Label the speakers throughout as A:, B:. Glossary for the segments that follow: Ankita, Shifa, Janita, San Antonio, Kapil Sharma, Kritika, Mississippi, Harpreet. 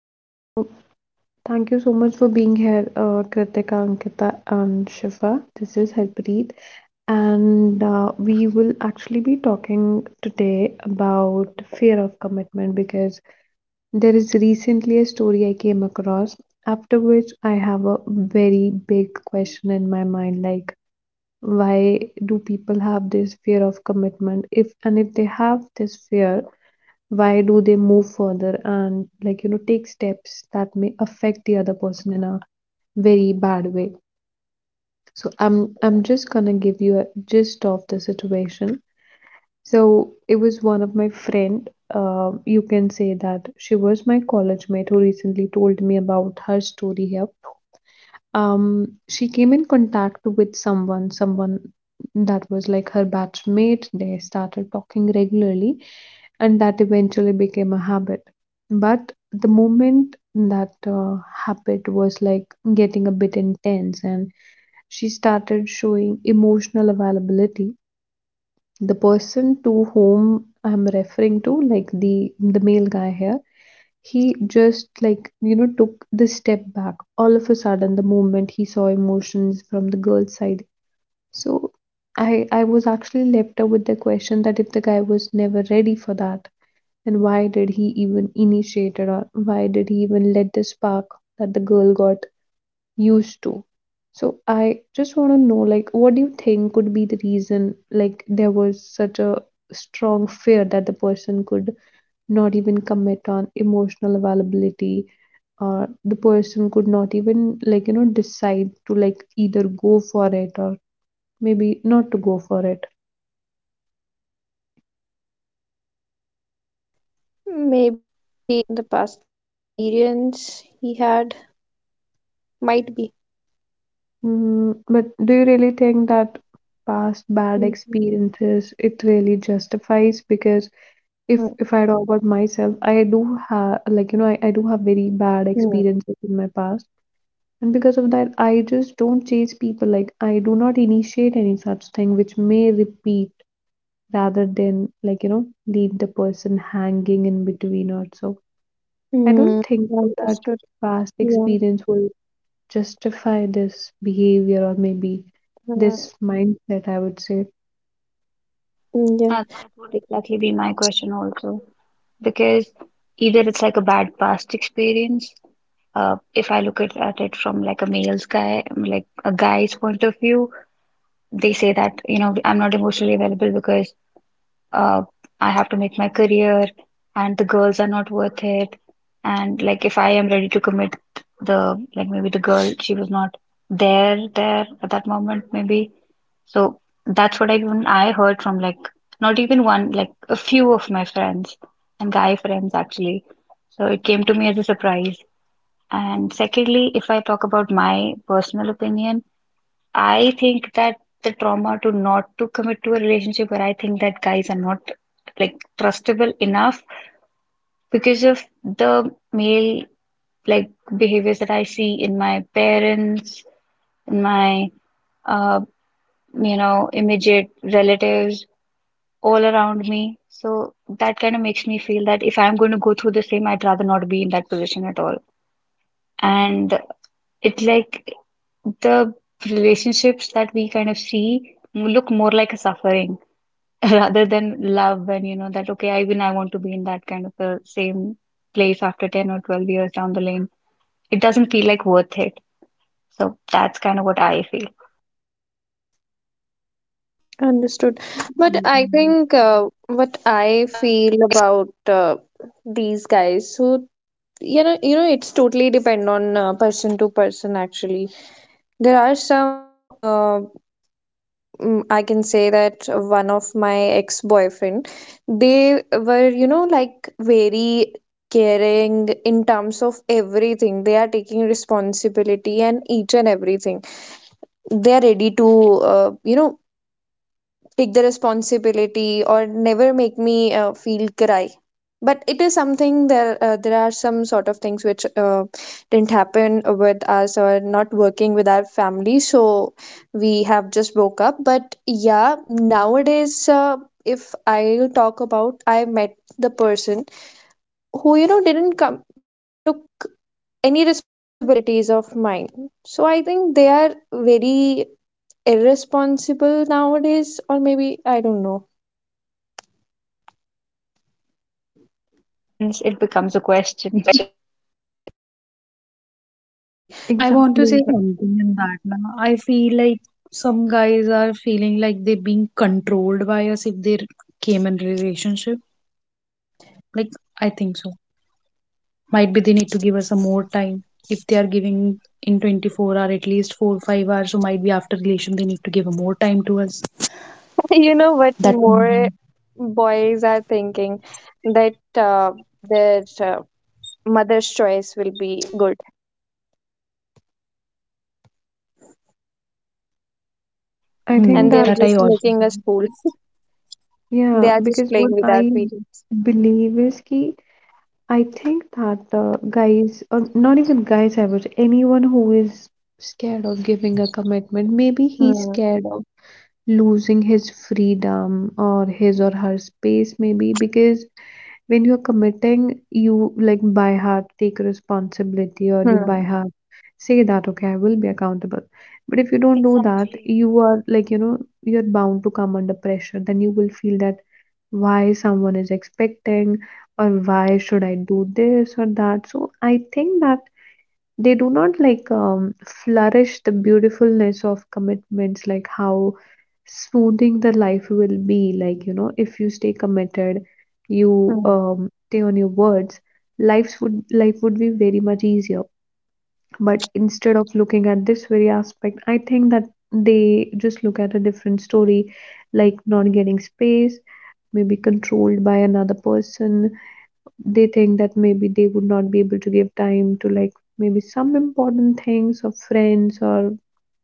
A: So, thank you so much for being here, Kritika, Ankita, and Shifa. This is Harpreet, and we will actually be talking today about fear of commitment because there is recently a story I came across, after which I have a very big question in my mind, like, why do people have this fear of commitment? If they have this fear, why do they move further and, like, you know, take steps that may affect the other person in a very bad way? So I'm just gonna give you a gist of the situation. So it was one of my friend, you can say that she was my college mate, who recently told me about her story here. um she came in contact with someone that was like her batchmate. They started talking regularly and that eventually became a habit. But the moment that habit was like getting a bit intense and she started showing emotional availability, the person to whom I'm referring to, like the male guy here, he just, like, you know, took the step back all of a sudden the moment he saw emotions from the girl's side. So I was actually left up with the question that if the guy was never ready for that, then why did he even initiate it, or why did he even let the spark that the girl got used to. So I just want to know, like, what do you think could be the reason, like, there was such a strong fear that the person could not even commit on emotional availability, or the person could not even, like, you know, decide to, like, either go for it or maybe not to go for it.
B: Maybe the past experience he had might be.
A: Mm, but do you really think that past bad
B: Mm,
A: experiences, it really justifies? Because If
B: mm,
A: if I talk about myself, I do have, like, you know, I do have very bad
B: mm.
A: experiences in my past, and because of that, I just don't chase people. Like, I do not initiate any such thing which may repeat rather than, like, you know, leave the person hanging in between or so. I
B: Mm,
A: don't think so that
B: Understood.
A: past
B: Yeah.
A: experience will justify this behavior or maybe
B: Mm,
A: this mindset, I would say.
B: yeah,
C: That would exactly be my question also, because either it's like a bad past experience, if I look at it from like a male's guy, like a guy's point of view. They say that, you know, I'm not emotionally available because uh, I have to make my career, and the girls are not worth it. And like, if I am ready to commit, the like maybe the girl she was not there at that moment maybe. So that's what I heard from like not even one like a few of my friends and guy friends actually. So it came to me as a surprise. And secondly, if I talk about my personal opinion, I think that the trauma to not to commit to a relationship where I think that guys are not like trustable enough because of the male like behaviors that I see in my parents, in my uh, you know, immediate relatives all around me. So that kind of makes me feel that if I'm going to go through the same, I'd rather not be in that position at all. And it's like the relationships that we kind of see look more like a suffering rather than love. And you know that okay I want to be in that kind of a same place after 10 or 12 years down the lane. It doesn't feel like worth it, so that's kind of what I feel.
B: Understood. But I think what I feel about these guys, so
D: Something.
B: it's totally depend on person to person actually. There are some I can say that one of my ex-boyfriend, they were, you know, like very caring in terms of everything. They are taking responsibility and each and everything. They are ready to, you know, take the responsibility or never make me feel cry, but it is something there are some sort of things which didn't happen with us or not working with our family, so we have just broke up. But yeah, nowadays, if I'll talk about, I met the person who, you know, didn't come, took any responsibilities of mine. So I think they are very irresponsible nowadays, or maybe I don't know.
C: And hence it becomes a question.
B: Actually,
D: I
A: Exactly.
D: want to say something in that. Now, I feel like some guys are feeling like they're being controlled by us if they came in relationship. Like, I think so. Might be they need to give us some more time. If they are giving in 24 hour, at least 4 5 hours, so might be after relation they need to give more time to us.
B: you know what, more
D: That
B: boys are thinking that their mother's choice will be good,
A: I think
B: and they
A: that
B: are
D: hmm,
B: just
D: that I
B: making
D: also
B: us fool.
A: yeah,
B: They are
A: because
B: just
A: what
B: playing with our
A: I
B: feelings.
A: believe is ki I think that, guys, or not even guys, I would say anyone who is scared of giving a commitment, maybe he's
B: Hmm.
A: scared of losing his freedom or his or her space, maybe because when you're committing, you, like, by heart take responsibility, or you by
B: Hmm.
A: heart say that, okay, I will be accountable. But if you don't do that,
C: Exactly.
A: you are, like, you know, you're bound to come under pressure. Then you will feel that why someone is expecting or why should I do this or that. So I think that they do not like flourish the beautifulness of commitments, like how smoothing the life will be, like, you know, if you stay committed, you
B: Hmm.
A: stay on your words, lives would life would be very much easier. But instead of looking at this very aspect, I think that they just look at a different story, like not getting space, maybe controlled by another person. They think that maybe they would not be able to give time to like maybe some important things or friends, or,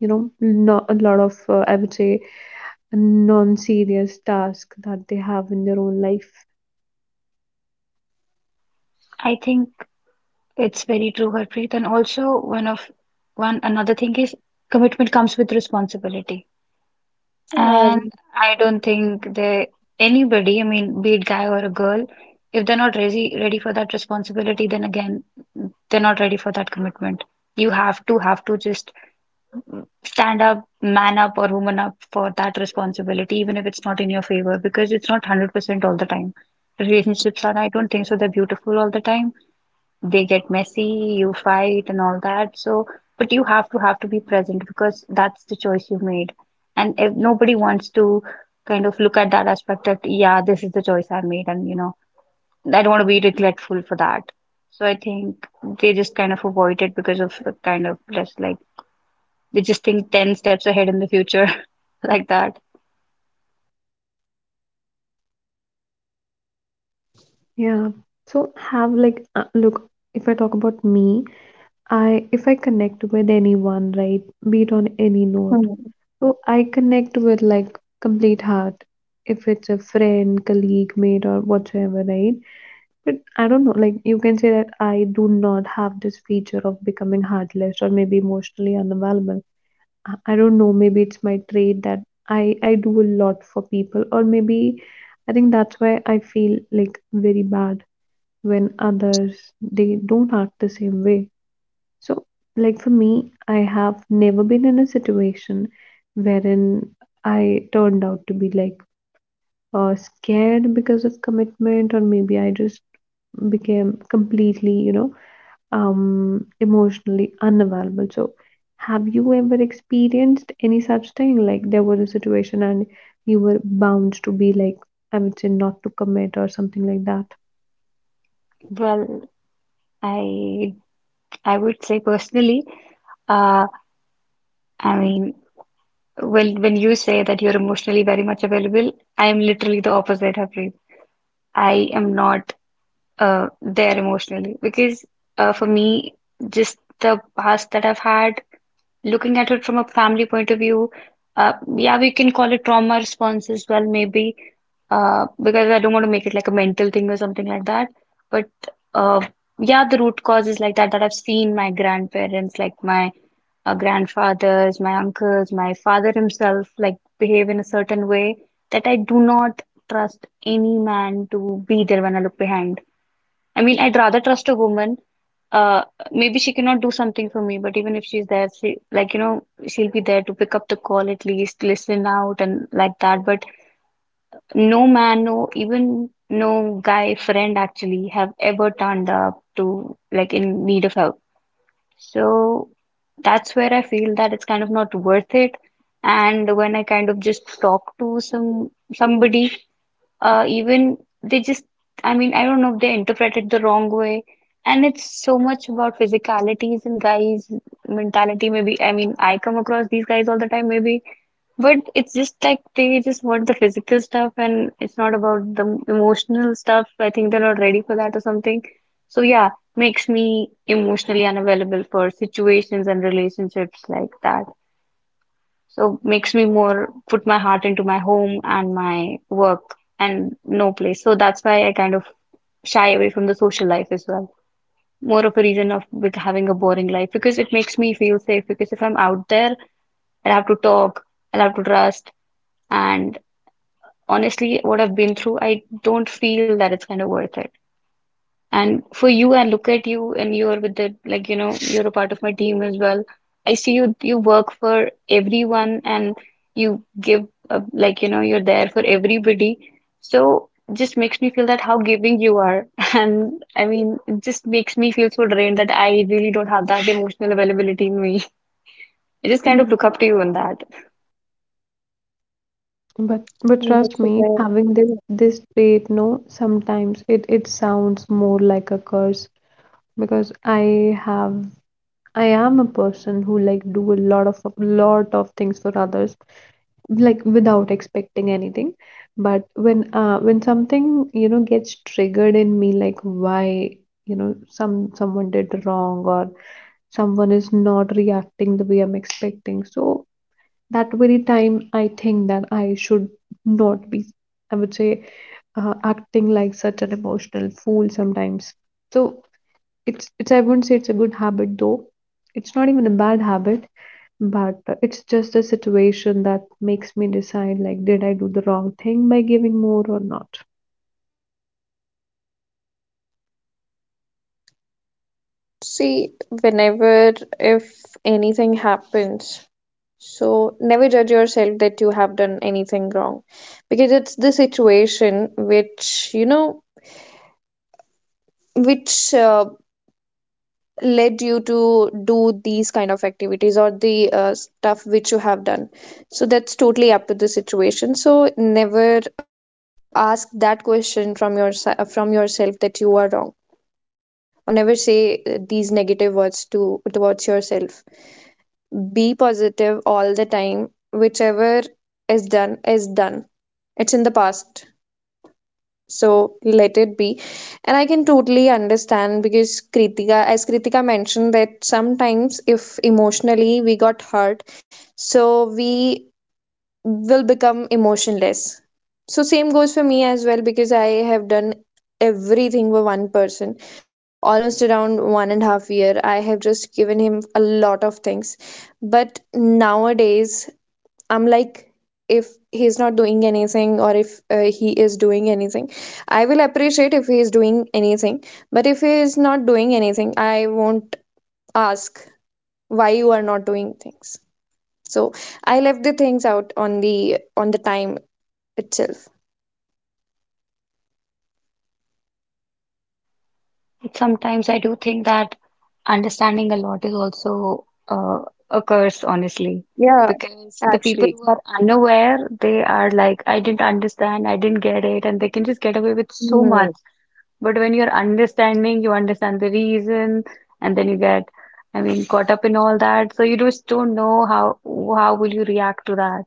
A: you know, not a lot of, I would say, a non-serious task that they have in their own life.
C: I think it's very true, Harpreet, and also one another thing is commitment comes with responsibility.
B: Uh,
C: And I don't think they anybody, I mean, be it guy or a girl, if they're not ready for that responsibility, then again, they're not ready for that commitment. You have to just stand up, man up, or woman up for that responsibility, even if it's not in your favor, because it's not 100% all the time. Relationships are, I don't think so, they're beautiful all the time. They get messy, you fight and all that. So, but you have to be present because that's the choice you made. And if nobody wants to kind of look at that aspect that, yeah, this is the choice I made, and you know, I don't want to be regretful for that. So I think they just kind of avoid it because of the kind of just like they just think 10 steps ahead in the future. Like that.
A: Yeah, so have like, look, if I talk about me, I if I connect with anyone, right, be it on any
B: hmm.
A: note, so I connect with like complete heart, if it's a friend, colleague, mate, or whatsoever, right? But I don't know, like, you can say that I do not have this feature of becoming heartless or maybe emotionally unavailable. I don't know, maybe it's my trait that I do a lot for people, or maybe I think that's why I feel like very bad when others, they don't act the same way. So, like, for me, I have never been in a situation wherein I turned out to be like, scared because of commitment, or maybe I just became completely, you know, emotionally unavailable. So have you ever experienced any such thing, like there was a situation and you were bound to be like, I would say, not to commit or something like that?
C: Well, I I would say personally, uh, I mean, well, when you say that you're emotionally very much available, I am literally the opposite, Harpreet. I am not there emotionally. Because for me, just the past that I've had looking at it from a family point of view, yeah, we can call it trauma response as well, maybe, because I don't want to make it like a mental thing or something like that. But uh, yeah, the root causes like that I've seen my grandparents, like my grandfathers, my uncles, my father himself, like behave in a certain way that I do not trust any man to be there when I look behind. I mean, I'd rather trust a woman. Uh, Maybe she cannot do something for me, but even if she's there, she like you know she'll be there to pick up the call at least, listen out and like that. But no man, no even no guy friend actually have ever turned up to like in need of help. So that's where I feel that it's kind of not worth it. And when I kind of just talk to somebody, even they just, I mean I don't know if they interpret it the wrong way, and it's so much about physicalities and guys mentality maybe. I mean I come across these guys all the time maybe, but it's just like they just want the physical stuff and it's not about the emotional stuff. I think they're not ready for that or something. So yeah, makes me emotionally unavailable for situations and relationships like that. So makes me more put my heart into my home and my work and no place. So that's why I kind of shy away from the social life as well. More of a reason of having a boring life because it makes me feel safe. Because if I'm out there, I'll have to talk, I'll have to trust, and honestly, what I've been through, I don't feel that it's kind of worth it. And for you, I look at you and you're with the, like, you know, you're a part of my team as well. I see you, you work for everyone and you give, a, like, you know, you're there for everybody. So just makes me feel that how giving you are. And I mean, it just makes me feel so drained that I really don't have that emotional availability in me. I just kind of look up to you in that.
A: But trust
B: That's it.
A: me, having this
B: Yeah.
A: this trait, no, sometimes it, it sounds more like a curse, because I have, I am a person who, like, do a lot of things for others, like without expecting anything. But when something, you know, gets triggered in me, like why, you know, some someone did wrong, or someone is not reacting the way I'm expecting, so that very time I think that I should not be, I would say, acting like such an emotional fool sometimes. So it's I wouldn't say it's a good habit though. It's not even a bad habit, but it's just a situation that makes me decide, like, did I do the wrong thing by giving more or not.
B: See, whenever, if anything happens, so never judge yourself that you have done anything wrong, because it's the situation which, you know, which led you to do these kind of activities or the stuff which you have done. So that's totally up to the situation. So never ask that question from your from yourself that you are wrong, or never say these negative words to towards yourself. Be positive all the time. Whichever is done is done, it's in the past, so let it be. And I can totally understand, because Kritika mentioned that sometimes if emotionally we got hurt, so we will become emotionless. So same goes for me as well, because I have done everything for one person. Almost around 1.5 years, I have just given him a lot of things. But nowadays I'm like, if he's not doing anything, or if he is doing anything, I will appreciate if he is doing anything. But if he is not doing anything, I won't ask why you are not doing things. So I left the things out on the time itself.
C: But sometimes I do think that understanding a lot is also a curse, honestly,
B: Yeah,
C: because the people
B: actually.
C: who are unaware, they are like, I didn't understand, I didn't get it, and they can just get away with so much.
B: Hmm.
C: But when you're understanding, you understand the reason, and then you get, I mean, caught up in all that. So you just don't know how will you react to that.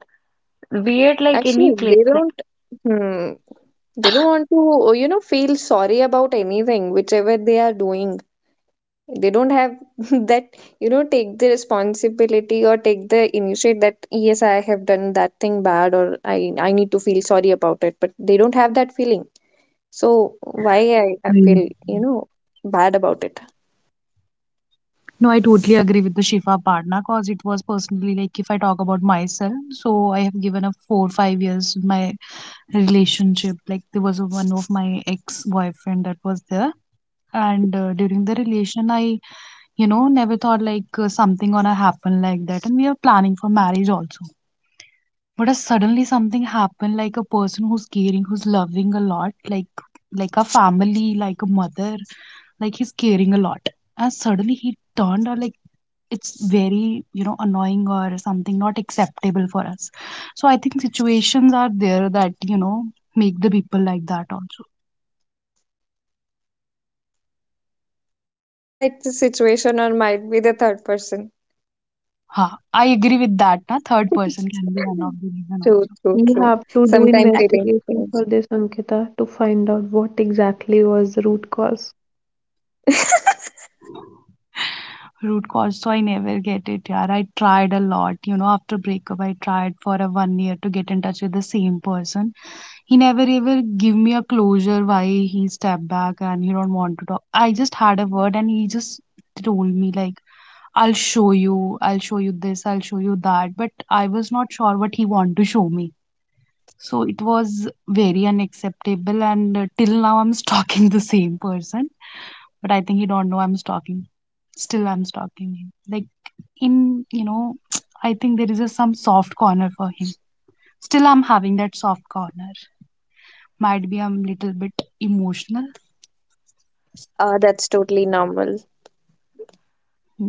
C: Be it like any
B: Actually, they
C: place, like,
B: don't. Hmm. They don't want to, you know, feel sorry about anything, whichever they are doing. They don't have that, you know, take the responsibility or take the initiate that, yes, I have done that thing bad, or I need to feel sorry about it. But they don't have that feeling.
D: feel.
B: So why I, feel, you know, bad about
D: No,
B: it.
D: I totally agree with the Shifa partner, because it was personally like if I talk about myself, so I have given up 4 5 years with my relationship. Like there was one of my ex boyfriend that was there, and during the relation, I never thought like something gonna happen like that, and we are planning for marriage also. But if suddenly something happened, like a person who's caring, who's loving a lot, like a family, like a mother, like he's caring a lot, and suddenly he turned, or like it's very annoying or something not acceptable for us. So I think situations are there that make the people like that also.
B: Yeah, it's a situation, or might be the third person.
D: Ha, I agree with that. Na, third person can be one of the reason
B: True,
D: also.
B: true,
A: You
B: true.
A: have to do
B: Sometimes
C: and
B: feeling
A: investigation
B: change.
A: for this, Ankita, to find out what exactly was the root cause.
D: Root cause, so I never get it. Yeah, I tried a lot, after breakup. I tried for a one year to get in touch with the same person. He never ever give me a closure why he stepped back, and he don't want to talk. I just had a word, and he just told me like, I'll show you, I'll show you this, I'll show you that, but I was not sure what he want to show me. So it was very unacceptable, and till now I'm stalking the same person. But I think he don't know I'm stalking. Still I'm stalking him, like, in, you know I think there is a some soft corner for him. Still I'm having that soft corner. Might be I'm little bit emotional.
B: Uh, that's totally normal.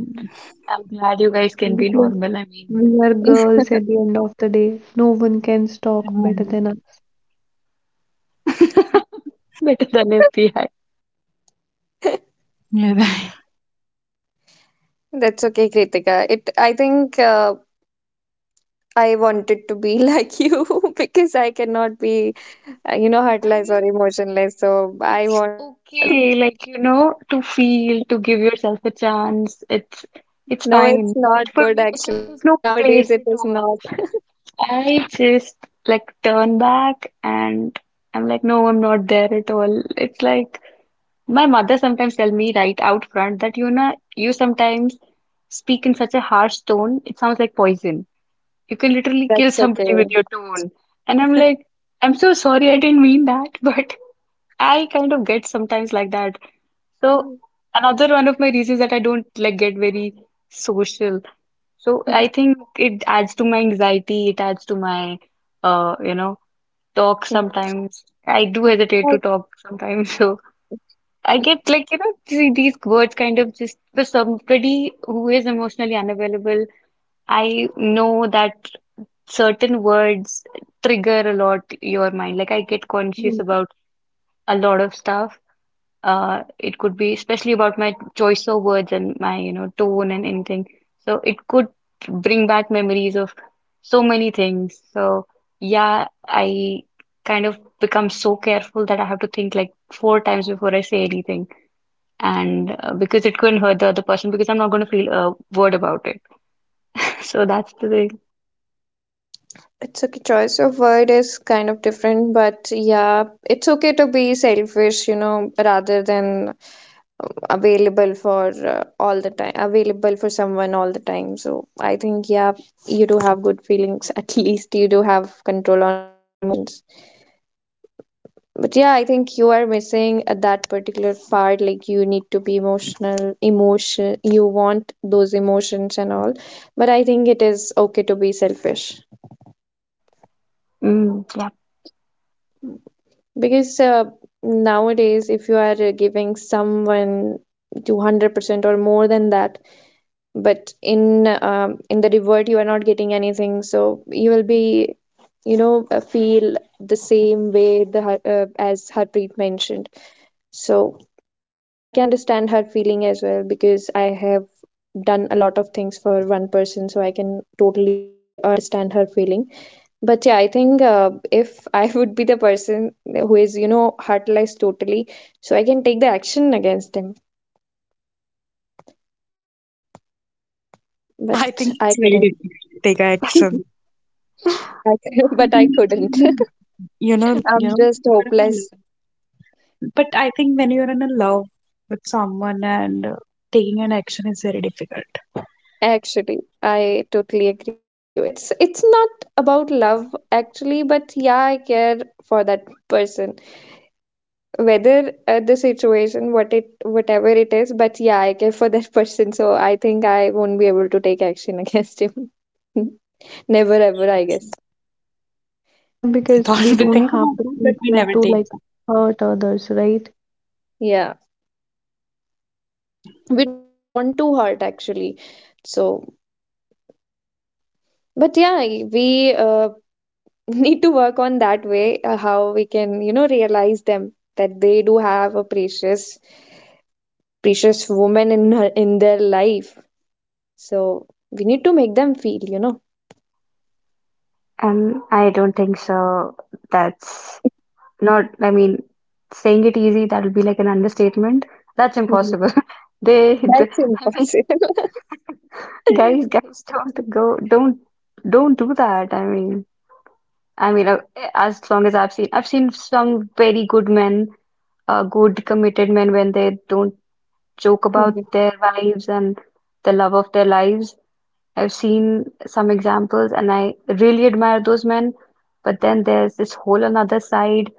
C: I'm glad you guys
A: Yeah,
C: can be
A: because
C: normal. I mean,
A: we are girls at the end of the day. No one can stalk
D: Mm,
A: better than us.
D: right.
C: better than FBI.
D: Yeah, right.
B: That's okay, Kritika. It, I think, I wanted to be like you, because I cannot be, you know, heartless or
C: Mean,
B: emotionless. So I
C: it's
B: won't.
C: okay, like, you know, to feel, to give yourself a chance. It's
B: No, it's
C: fine.
B: not
C: But for
B: good
C: me, it's like
B: actually.
C: there's no
B: Nowadays,
C: place
B: it
C: at
B: is not.
C: all. I just like turn back and I'm like, no, I'm not there at all. It's like my mother sometimes tell me right out front that you know, you sometimes speak in such a harsh tone, it sounds like poison. You can literally kill
B: That's
C: somebody
B: okay.
C: with your tone. And I'm like, I'm so sorry, I didn't mean that, but I kind of get sometimes like that. So another one of my reasons that I don't like get very social. So I think it adds to my anxiety, it adds to my you know, talk sometimes. I do hesitate to
B: Like,
C: talk sometimes. So I get like, you know, see these words kind of just for somebody who is emotionally unavailable, I know that certain words trigger a lot your mind. Like I get conscious
B: Mhm.
C: about a lot of stuff. It could be especially about my choice of words and my, you know, tone and anything. So it could bring back memories of so many things. So yeah, I kind of become so careful that I have to think like four times before I say anything. And because it couldn't hurt the other person because I'm not going to feel a word about it. So that's the thing.
B: It's okay. Choice of word is kind of different, but yeah, it's okay to be selfish, you know, rather than available for all the time, available for someone all the time. So I think, yeah, you do have good feelings. At least you do have control on your emotions. But yeah, I think you are missing at that particular part. Like you need to be emotional, emotion. You want those emotions and all. But I think it is okay to be selfish,
C: Mm, yeah.
B: because nowadays, if you are giving someone 200% or more than that, but in the revert you are not getting anything, so you will be, you know, feel the same way as Harpreet mentioned. So I can understand her feeling as well, because I have done a lot of things for one person, so I can totally understand her feeling. But yeah, I think, if I would be the person who is, you know, heartless totally, so I can take the action against him.
D: I
B: But
D: think
B: I
D: it's very
B: couldn't.
D: difficult to take action,
B: I,
D: because I
B: but I
D: think
B: couldn't.
D: you know
B: I'm just
D: you're in a
B: hopeless.
D: love. But I think when you're in a love with someone and taking an action is very difficult.
B: Actually, I totally agree with you. It's not about love actually, but yeah, I care for that person, whether the situation what it, whatever it is, but yeah, I care for that person, so I think I won't be able to take action against him. Never ever, I guess.
A: Yeah,
D: We
A: because
D: thought
A: we
D: we
A: don't
D: think
A: have
D: about
A: the
D: that, but we
A: future
D: never
A: to
D: take
A: like
D: it.
A: hurt others, right?
B: Yeah,
D: Hmm.
B: we don't want to hurt actually. So but yeah, we, need to work on that way, how we can, you know, realize them that they do have a precious, precious woman in in their life. So we need to make them feel, you know.
C: I don't think so. That's not, I mean, saying it easy, that'll be like an understatement. That's
B: Mhm.
C: impossible. They,
B: That's
C: I mean,
B: impossible.
C: guys, guys, don't go, don't do that. I mean, as long as I've seen some very good men, good committed men when they don't joke about their wives and the love of their lives. I've seen some examples and I really admire those men. But then there's this whole another side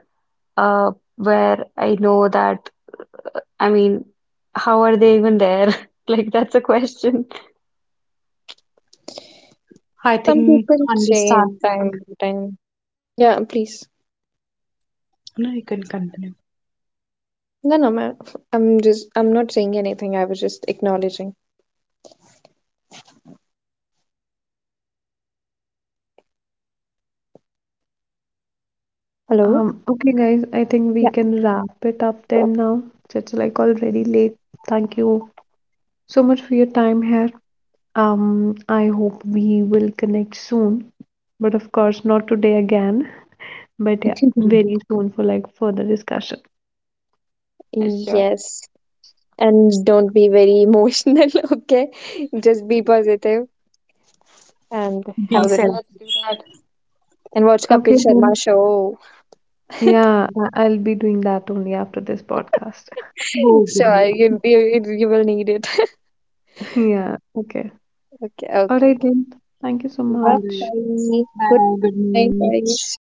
C: uh, where I know that, I mean, how are they even there? Like, that's a question.
D: I
B: Some
D: think
B: people say
D: understanding.
B: time to time. Yeah, please.
D: No, you can continue.
B: No, no, ma- I'm just, I'm not saying anything. I was just acknowledging. Hello?
A: Okay, guys, I think we
B: Yeah.
A: can wrap it up then now. It's like already late. Thank you so much for your time here. I hope we will connect soon, but of course, not today again, but yeah, very soon for like further discussion.
C: Sure.
B: Yes. And don't be very emotional, okay? Just be positive and have
D: Be
B: a
A: Sure.
C: Yeah,
B: good night.
C: let's do
D: selfish.
C: that.
B: And watch Kapil
A: Okay, then.
B: Sharma show.
A: Yeah, I- I'll be doing that only after this podcast.
D: Oh, good
B: Sure,
D: night.
B: you, you will need it.
A: Yeah, okay.
B: Okay,
A: All
B: okay,
A: right,
B: okay.
A: then. Thank you so
B: Bye
D: All
A: much.
D: right.
B: bye.
D: Bye
B: Good
D: bye. Good
B: night,
D: night.
B: guys.